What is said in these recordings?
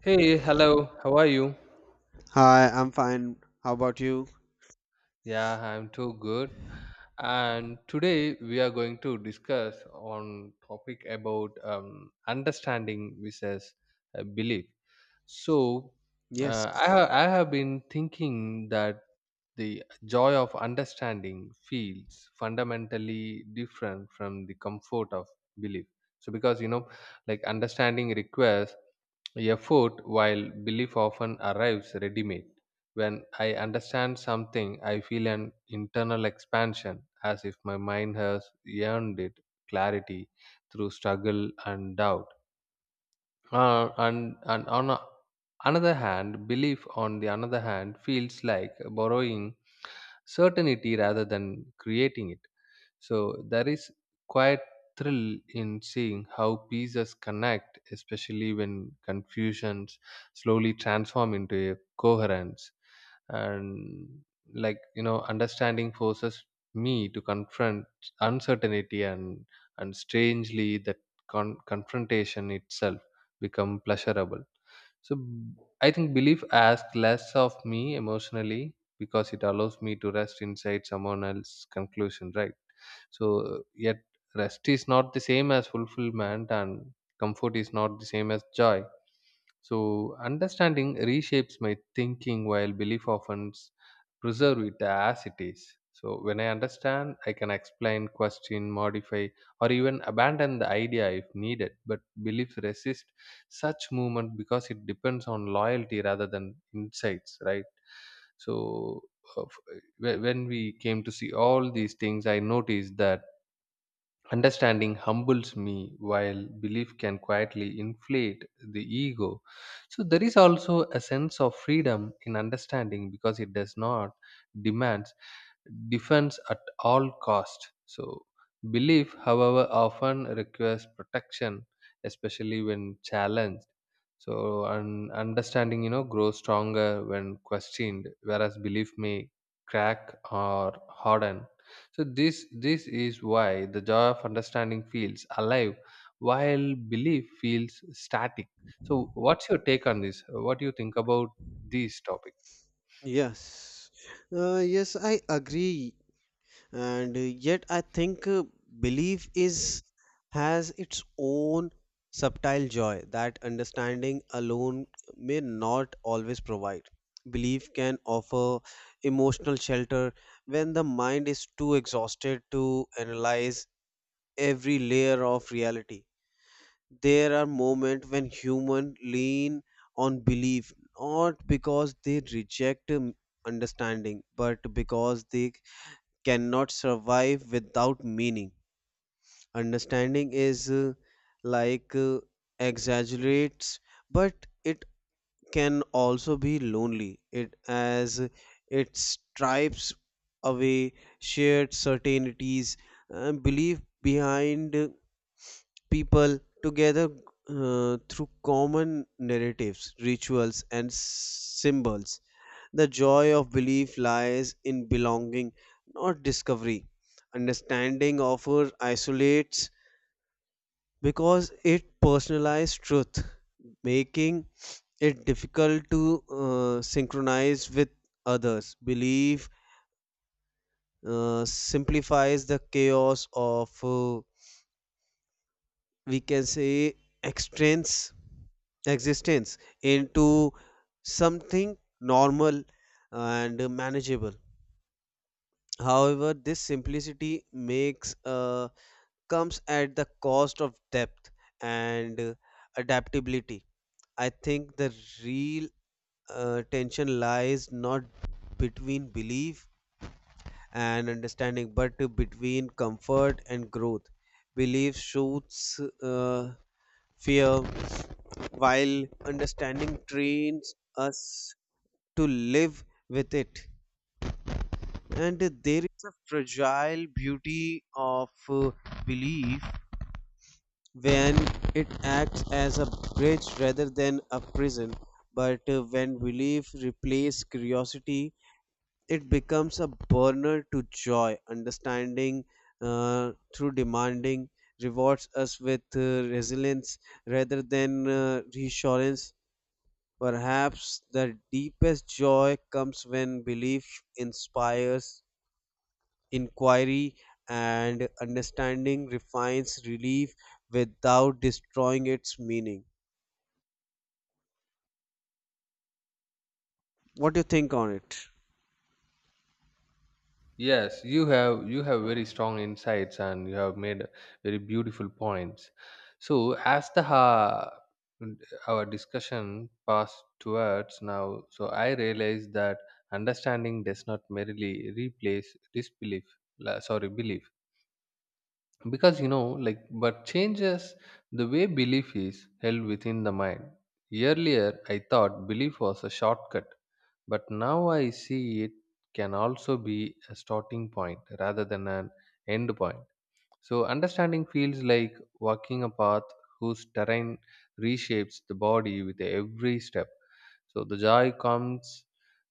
Hey, hello, how are you? Hi, I'm fine. How about you? Yeah, I'm too good. And today we are going to discuss on topic about understanding versus belief. So I have Yes. I have been thinking that the joy of understanding feels fundamentally different from the comfort of belief. So because like understanding requires effort while belief often arrives ready made. When I understand something, I feel an internal expansion as if my mind has earned it clarity through struggle and doubt, and on another hand, belief on the another hand feels like borrowing certainty rather than creating it. So there is quite thrill in seeing how pieces connect, especially when confusions slowly transform into a coherence. And understanding forces me to confront uncertainty and strangely that confrontation itself become pleasurable so b- I think belief asks less of me emotionally because it allows me to rest inside someone else's conclusion, right? So yet rest is not the same as fulfillment and comfort is not the same as joy. So understanding reshapes my thinking while belief often preserve it as it is. So when I understand, I can explain, question, modify, or even abandon the idea if needed. But belief resists such movement because it depends on loyalty rather than insights, right? So of- whe- when we came to see all these things, I noticed that understanding humbles me while belief can quietly inflate the ego. So there is also a sense of freedom in understanding because it does not demands defense at all cost. So belief however often requires protection, especially when challenged. So an understanding grows stronger when questioned, whereas belief may crack or harden. So this is why the joy of understanding feels alive, while belief feels static. So what's your take on this? What do you think about this topic? Yes. Yes, I agree. And yet I think belief is has its own subtle joy that understanding alone may not always provide. Belief can offer emotional shelter when the mind is too exhausted to analyze every layer of reality. There are moments when humans lean on belief not because they reject understanding but because they cannot survive without meaning. Understanding is like uh, exaggerates but it can also be lonely it as it stripes away shared certainties, and belief behind people together through common narratives, rituals, and symbols. The joy of belief lies in belonging, not discovery. Understanding offer isolates because it personalizes truth, making it difficult to synchronize with others. Belief simplifies the chaos of we can say extends existence into something normal and manageable. However, this simplicity makes comes at the cost of depth and adaptability. I think the real tension lies not between belief and understanding but between comfort and growth. Belief shoots fear while understanding trains us to live with it, and there is a fragile beauty of belief when it acts as a bridge rather than a prison. But when belief replaces curiosity, it becomes a burner to joy. Understanding through demanding rewards us with resilience rather than reassurance. Perhaps the deepest joy comes when belief inspires inquiry and understanding refines relief without destroying its meaning. What do you think on it? Yes, you have very strong insights and you have made very beautiful points. So as the ha our discussion passed towards now, so I realized that understanding does not merely replace disbelief, sorry, belief because but changes the way belief is held within the mind earlier. I thought belief was a shortcut, but now I see it can also be a starting point rather than an end point. So understanding feels like walking a path whose terrain reshapes the body with every step. So the joy comes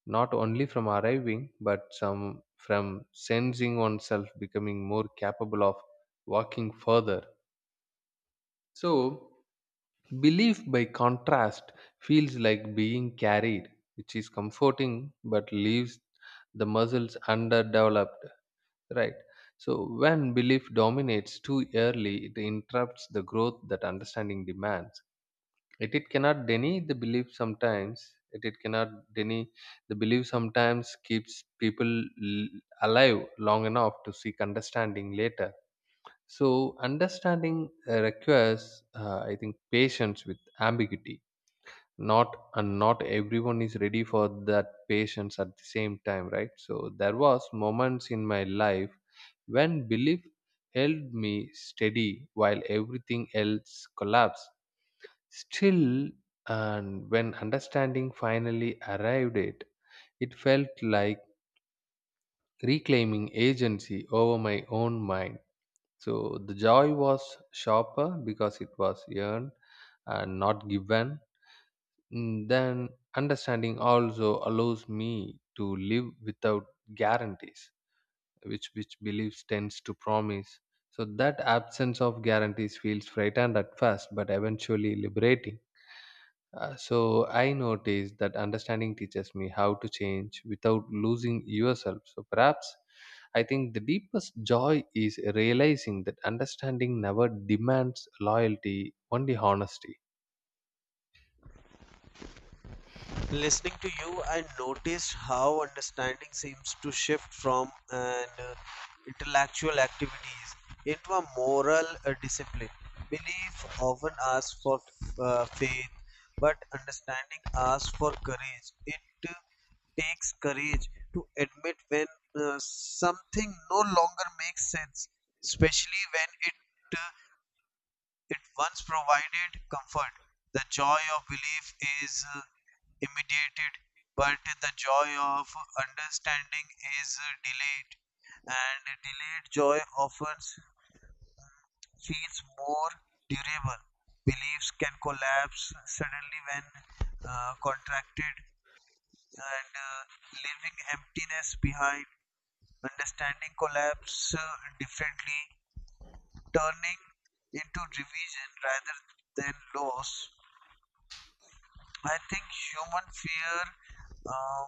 not only from arriving, but some from sensing oneself becoming more capable of walking further. So belief by contrast feels like being carried, which is comforting but leaves the muscles underdeveloped. Right. So when belief dominates too early, it interrupts the growth that understanding demands. Yet it cannot deny the belief sometimes. It cannot deny the belief sometimes keeps people alive long enough to seek understanding later. So understanding requires, I think, patience with ambiguity not, and not everyone is ready for that patience at the same time, right? So there was moments in my life when belief held me steady while everything else collapsed still, and when understanding finally arrived, it felt like reclaiming agency over my own mind. So the joy was sharper because it was earned and not given. Mm, then understanding also allows me to live without guarantees, which beliefs tends to promise. So that absence of guarantees feels frightened at first but eventually liberating. So I noticed that understanding teaches me how to change without losing yourself, so perhaps I think the deepest joy is realizing that understanding never demands loyalty, only honesty. Listening to you, I noticed how understanding seems to shift from an intellectual activities into a moral discipline. Belief often asks for faith, but understanding asks for courage. It uh, takes courage to admit when something no longer makes sense, especially when uh, it once provided comfort. The joy of belief is immediated, but the joy of understanding is delayed, and delayed joy often feels more durable. Beliefs can collapse suddenly when contracted and leaving emptiness behind. Understanding collapses differently, turning into revision rather than loss. I think human fear um,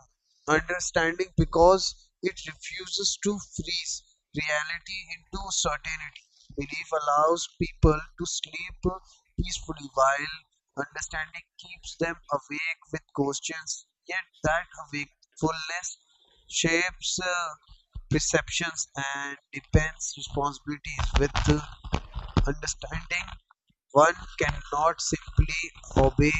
understanding because it refuses to freeze reality into certainty. Belief allows people to sleep peacefully while understanding keeps them awake with questions. Yet that wakefulness shapes perceptions and depends responsibilities with understanding. One cannot simply obey.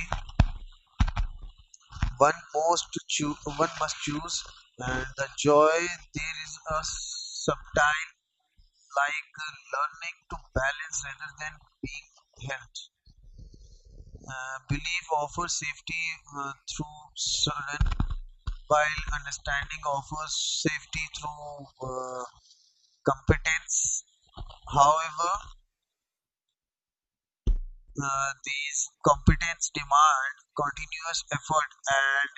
One must choose, and the joy there is a subtile, learning to balance rather than being helped. Belief offers safety through surrender, while understanding offers safety through competence. However, these competence demand continuous effort,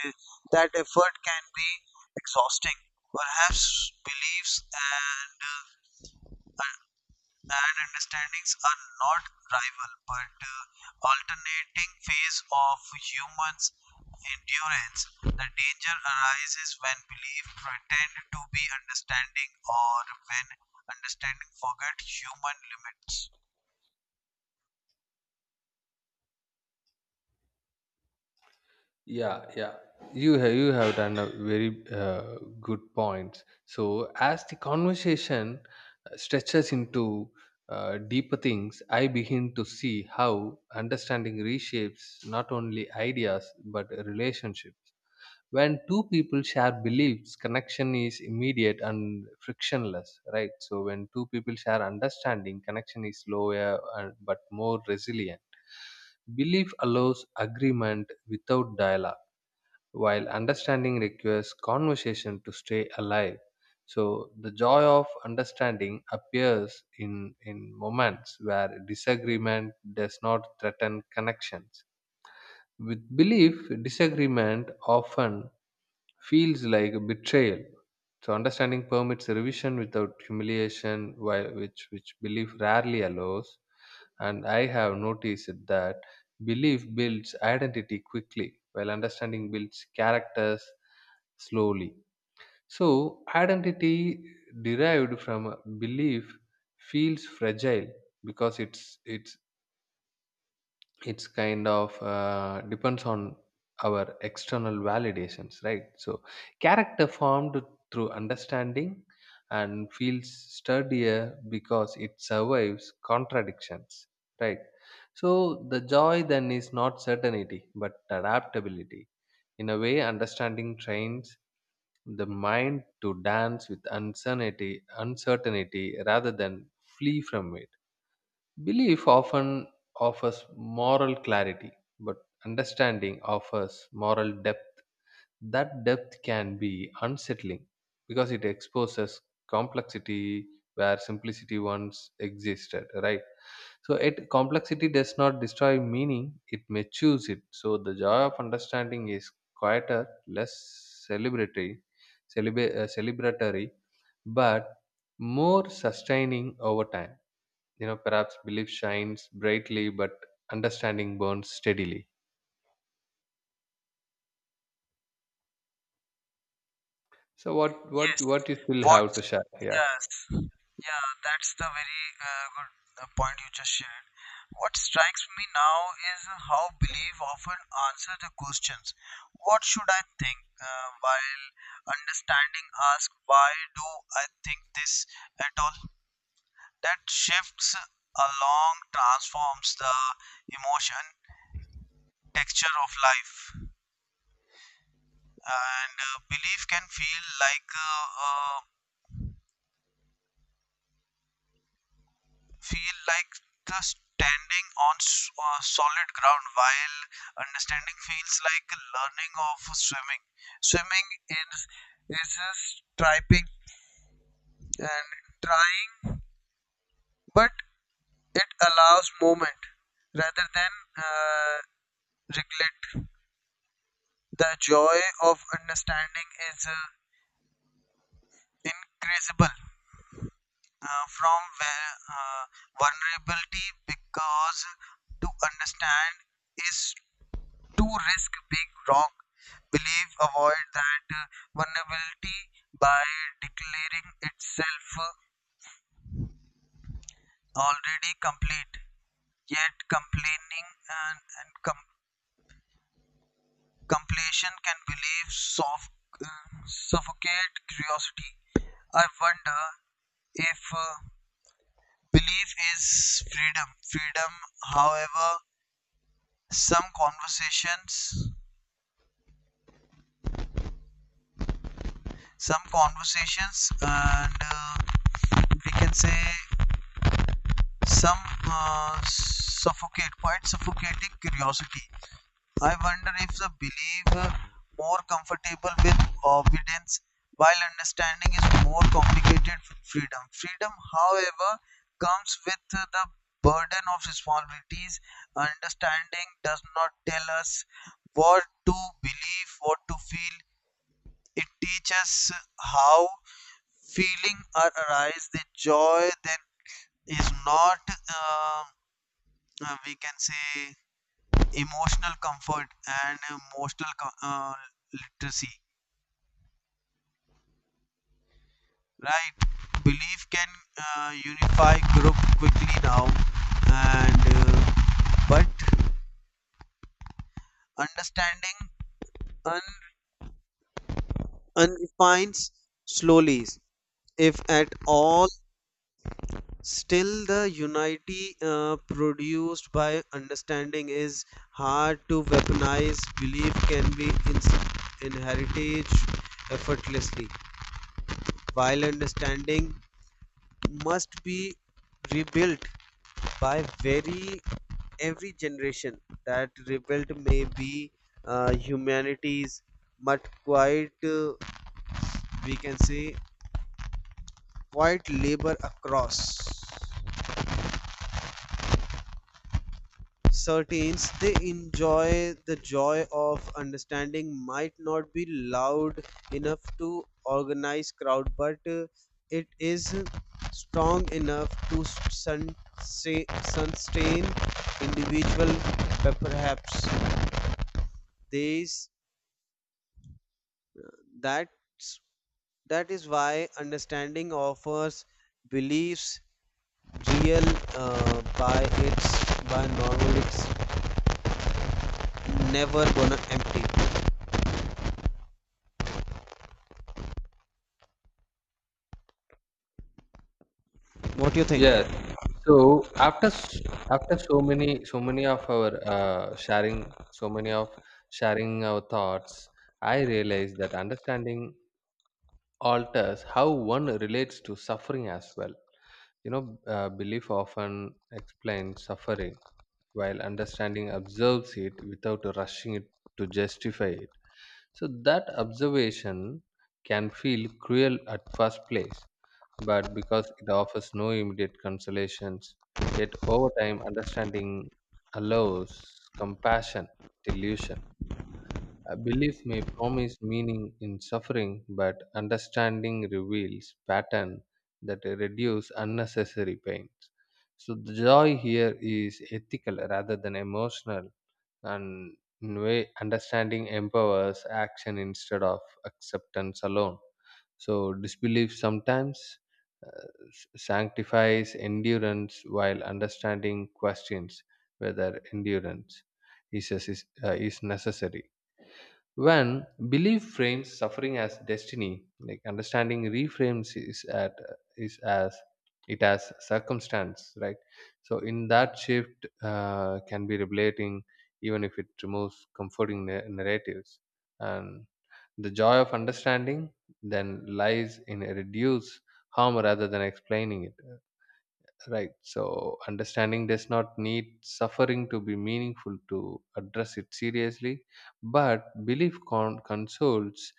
and that effort can be exhausting. Perhaps beliefs uh, and understandings are not rival, but alternating phase of humans' endurance. The danger arises when belief pretend to be understanding, or when understanding forget human limits. Yeah, yeah. You have done a very good point. So as the conversation stretches into deeper things, I begin to see how understanding reshapes not only ideas but relationships. When two people share beliefs, connection is immediate and frictionless, right? So when two people share understanding, connection is slower and but more resilient. Belief allows agreement without dialogue while understanding requires conversation to stay alive. So the joy of understanding appears in moments where disagreement does not threaten connections. With belief, disagreement often feels like a betrayal. So understanding permits revision without humiliation, while which belief rarely allows. And I have noticed that belief builds identity quickly, while understanding builds characters slowly. So identity derived from a belief feels fragile because it's kind of depends on our external validations, right? So character formed through understanding and feels sturdier because it survives contradictions, right? So the joy then is not certainty but adaptability. In a way understanding trains the mind to dance with uncertainty rather than flee from it. Belief often offers moral clarity, but understanding offers moral depth. That depth can be unsettling because it exposes complexity where simplicity once existed, right? So it complexity does not destroy meaning, it may choose it. So the joy of understanding is quieter, less celebratory, celebratory but more sustaining over time. You know, perhaps belief shines brightly, but understanding burns steadily. So what what Yes. what you still What? have to share? Yeah. Yes. Yeah, that's the very good point you just shared. What strikes me now is how belief often answers the questions. What should I think? While understanding ask why do I think this at all? That shifts along transforms the emotion texture of life, and belief can feel like feel like the standing on solid ground, while understanding feels like learning of swimming. Swimming is just typing and trying, but it allows movement rather than uh, regret. The joy of understanding is increasable from where, vulnerability, because to understand is to risk being wrong. Belief avoid that vulnerability by declaring itself already complete. Yet complaining and com- completion can believe soft, suffocate curiosity. I wonder if belief is freedom. Freedom, however, some conversations, some conversations, and we can say some suffocate quite suffocating curiosity. I wonder if the believer more comfortable with obedience, while understanding is more complicated with freedom. Freedom, however, comes with the burden of responsibilities. Understanding does not tell us what to believe, what to feel. It teaches how feeling arise. The joy then is not um, we can say emotional comfort and emotional literacy, right? Belief can unify group quickly now, and but understanding un- unfines slowly, if at all. Still the unity produced by understanding is hard to weaponize. Belief can be inherited effortlessly, while understanding must be rebuilt by very every generation. That rebuilt may be humanities but quite we can say quite labor across. Certains they enjoy the joy of understanding might not be loud enough to organize crowd, but it is strong enough to sun- sustain individual. Perhaps these that's that is why understanding offers beliefs real by its by normal it's never gonna empty. What do you think? Yes. So after so many of our sharing, so many of sharing our thoughts, I realized that understanding alters how one relates to suffering as well. You know, belief often explains suffering while understanding observes it without rushing it to justify it. So that observation can feel cruel at first place, but because it offers no immediate consolations, yet over time understanding allows compassion, delusion. A belief may promise meaning in suffering, but understanding reveals pattern that reduce unnecessary pains. So the joy here is ethical rather than emotional, and in way understanding empowers action instead of acceptance alone. So disbelief sometimes sanctifies endurance, while understanding questions whether endurance is necessary when belief frames suffering as destiny like understanding reframes is at is as it as circumstance, right? So in that shift can be revelating, even if it removes comforting narratives, and the joy of understanding then lies in reduce harm rather than explaining it. Right. So understanding does not need suffering to be meaningful to address it seriously, but belief consoles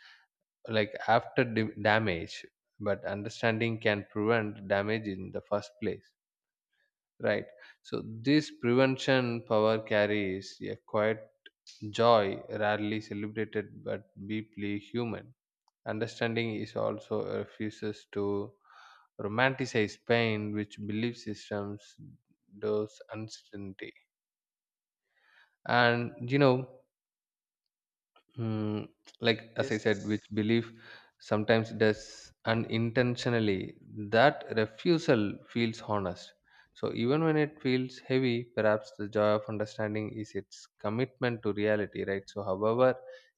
like after damage, but understanding can prevent damage in the first place. Right. So this prevention power carries a quiet joy, rarely celebrated but deeply human. Understanding is also refuses to romanticize pain, which belief systems does uncertainty. And you know, mm, like as I said, which Yes. belief sometimes does unintentionally, that refusal feels honest. So even when it feels heavy, perhaps the joy of understanding is its commitment to reality, right? So however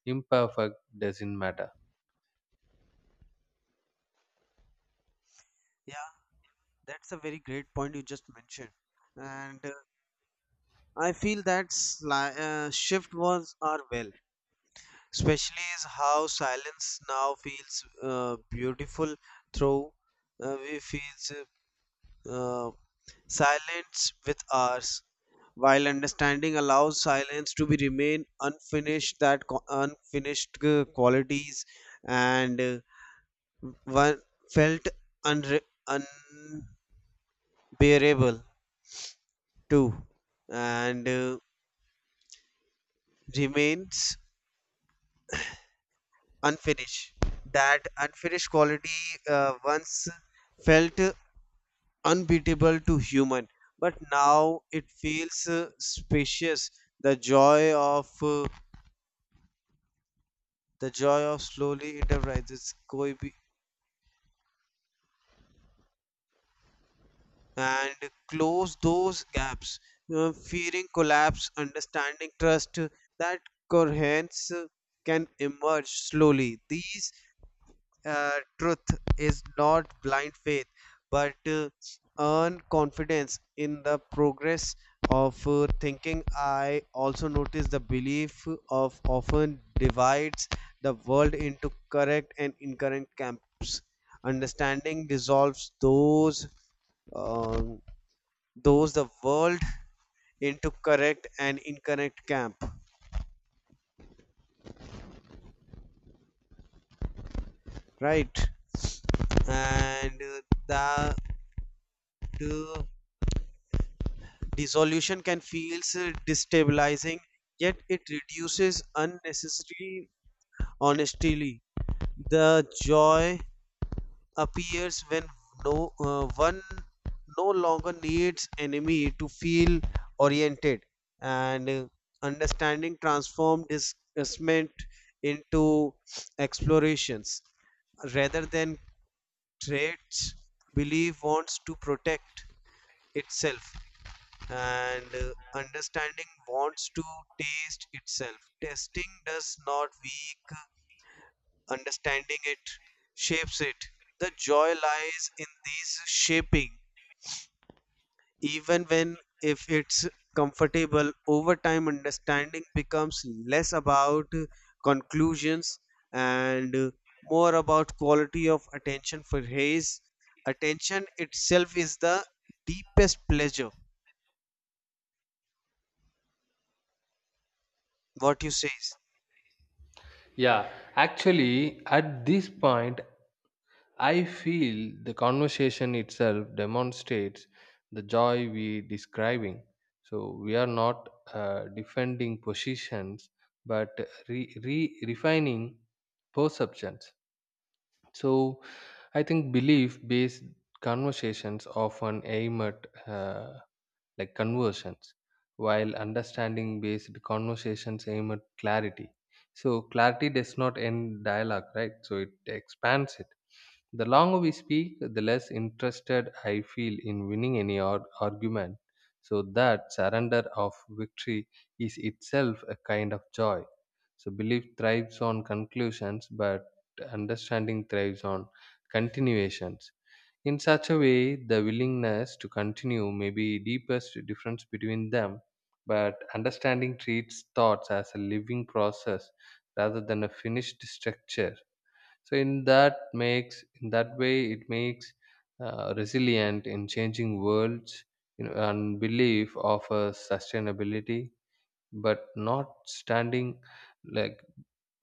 imperfect doesn't matter. Yeah, that's a very great point you just mentioned. And I feel that shift was our well, especially is how silence now feels beautiful through we feels uh, silence with ours, while understanding allows silence to be remain unfinished. That unfinished qualities and one felt unre- unbearable 2 and remains unfinished. That unfinished quality once felt unbeatable to human, but now it feels spacious. The joy of uh, the joy of slowly enterprises coib and close those gaps. Fearing collapse, understanding trust, that coherence can emerge slowly. These truth is not blind faith, but earn confidence in the progress of thinking. I also notice the belief of often divides the world into correct and incorrect camps. Understanding dissolves um, those the world into correct and incorrect camp, right? And that. Uh, Dissolution can feel destabilizing, yet it reduces unnecessary honesty. The joy appears when no one no longer needs enemy to feel oriented, and understanding transforms disgustment into explorations rather than traits. Belief wants to protect itself, and understanding wants to taste itself. Testing does not weak, understanding it shapes it. The joy lies in this shaping, even when if it's comfortable. Over time, understanding becomes less about conclusions and more about quality of attention, for his attention itself is the deepest pleasure. What you say? Yeah, actually, at this point, I feel the conversation itself demonstrates the joy we describing. So we are not defending positions, but refining perceptions. So I think belief-based conversations often aim at like conversions, while understanding based conversations aim at clarity. So clarity does not end dialogue, right? So it expands it. The longer we speak, the less interested I feel in winning any argument. So that surrender of victory is itself a kind of joy. So belief thrives on conclusions, but understanding thrives on continuations. In such a way the willingness to continue may be deepest difference between them, but understanding treats thoughts as a living process rather than a finished structure. So in that way it makes resilient in changing worlds. You know, and belief offers sustainability but not standing, like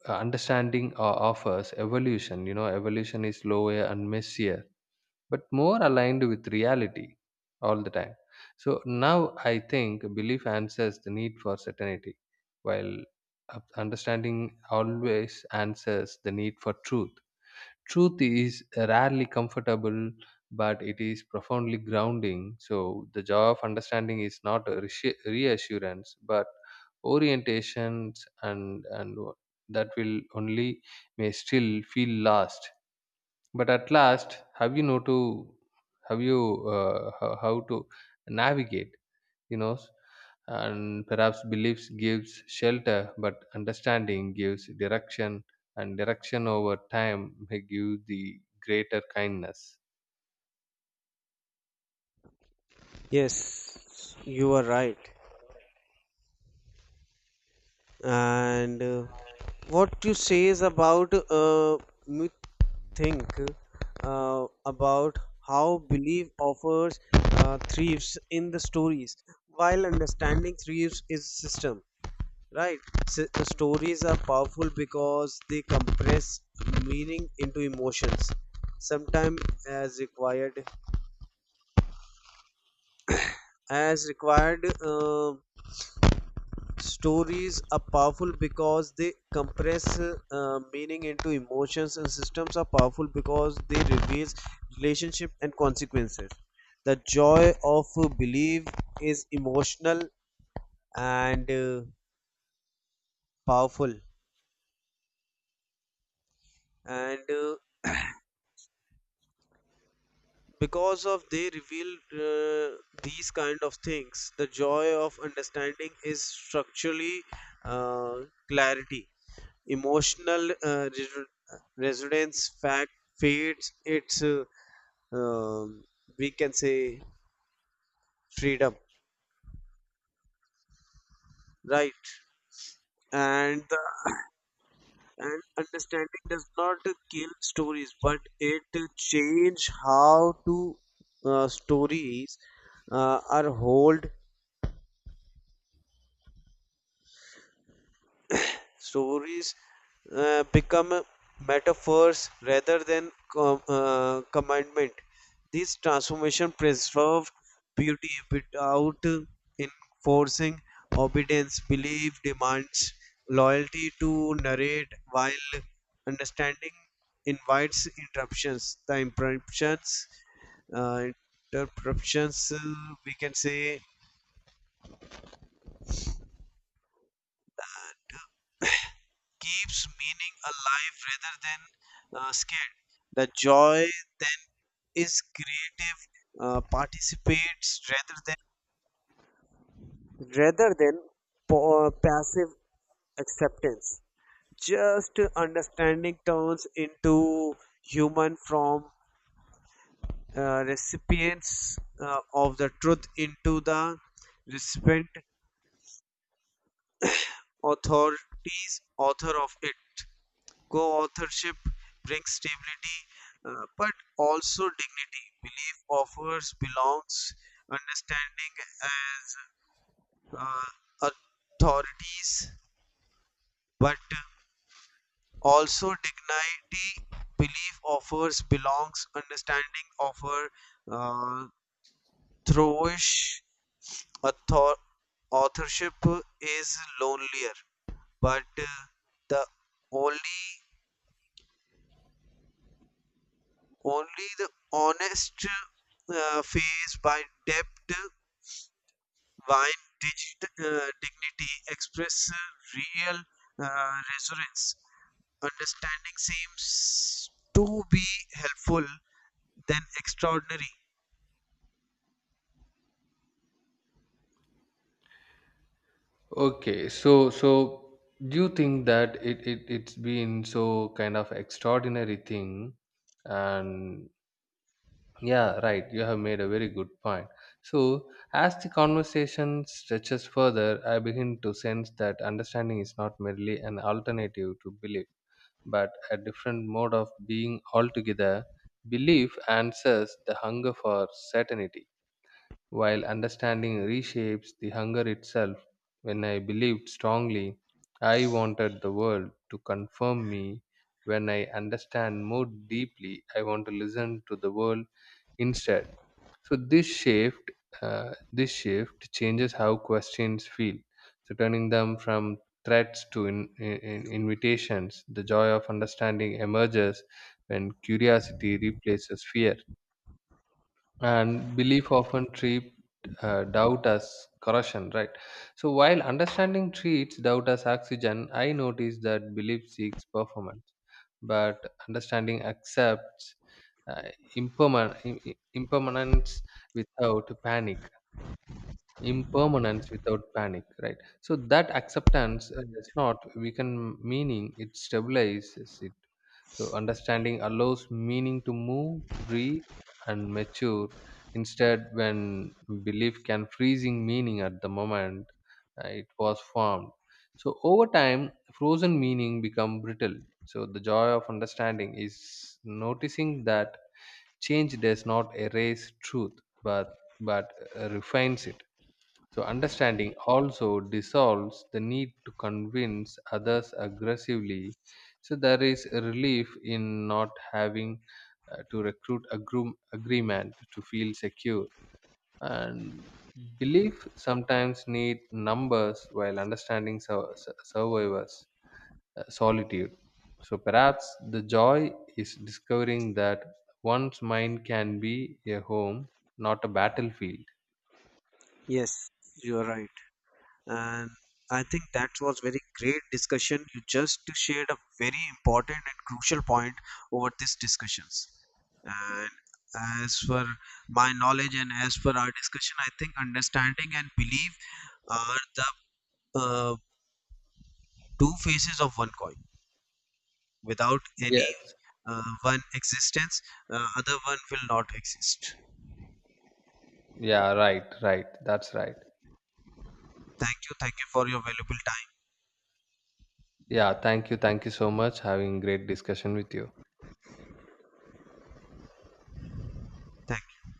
understanding offers evolution. You know evolution is slower and messier but more aligned with reality all the time. So now I think belief answers the need for certainty, while understanding always answers the need for truth. Truth is rarely comfortable, but it is profoundly grounding. So the joy of understanding is not a reassurance, but orientations, and that will only may still feel lost but at last, have you know to have you how to navigate? You know, s- and perhaps beliefs gives shelter, but understanding gives direction, and direction over time may give the greater kindness. Yes, you are right. And what you say is about me think about how belief offers thrives in the stories, while understanding thrives is system. Right. The stories are powerful because they compress meaning into emotions, sometimes as required, as required. Stories are powerful because they compress meaning into emotions, and systems are powerful because they reveal relationship and consequences. The joy of belief is emotional and powerful, and because of they reveal uh, these kind of things. The joy of understanding is structurally uh, clarity. Emotional resonance fact feeds its um, we can say freedom, right? And the, and understanding does not kill stories, but it change how to stories are hold. Stories become metaphors rather than commandment. This transformation preserves beauty without enforcing obedience. Belief demands loyalty to narrate, while understanding invites interruptions. Uh, interruptions, we can say keeps meaning alive rather than scared. The joy then is creative, participates rather than passive acceptance. Just understanding turns into human from recipients of the truth into the recipient authorities author of it. Co-authorship brings stability, but also dignity. Belief offers belongs understanding as uh, authorities, but also dignity. Belief offers belongs understanding offer uh, throwish author authorship is lonelier, but the only only the honest face by depth wine digit, dignity express real resonance. Understanding seems to be helpful than extraordinary. Okay, so do you think that it's been so kind of extraordinary thing and yeah, right. You have made a very good point. So as the conversation stretches further, I begin to sense that understanding is not merely an alternative to belief, but a different mode of being altogether. Belief answers the hunger for certainty, while understanding reshapes the hunger itself. When I believed strongly, I wanted the world to confirm me. When I understand more deeply, I want to listen to the world instead. So this shift changes how questions feel. So turning them from threats to invitations, the joy of understanding emerges when curiosity replaces fear, and belief often treat doubt as corrosion, right? So while understanding treats doubt as oxygen, I notice that belief seeks performance but understanding accepts uh, impermanence without panic, right? So that acceptance does Right. not weaken meaning, it stabilizes it. So understanding allows meaning to move breathe and mature instead when belief can freezing meaning at the moment it was formed. So over time frozen meaning become brittle. So the joy of understanding is noticing that change does not erase truth but refines it. So understanding also dissolves the need to convince others aggressively. So there is a relief in not having to recruit a groom agreement to feel secure. And belief sometimes need numbers while understanding survivors solitude. So perhaps the joy is discovering that one's mind can be a home, not a battlefield. Yes, you are right. And I think that was very great discussion. You just shared a very important and crucial point over these discussions. And as for my knowledge and as for our discussion, I think understanding and belief are the uh, two faces of one coin. Without any Yes, one existence, other one will not exist. yeah, right, right. That's right. Thank you. Thank you for your valuable time. Yeah, thank you. Thank you so much. Having great discussion with you. Thank you.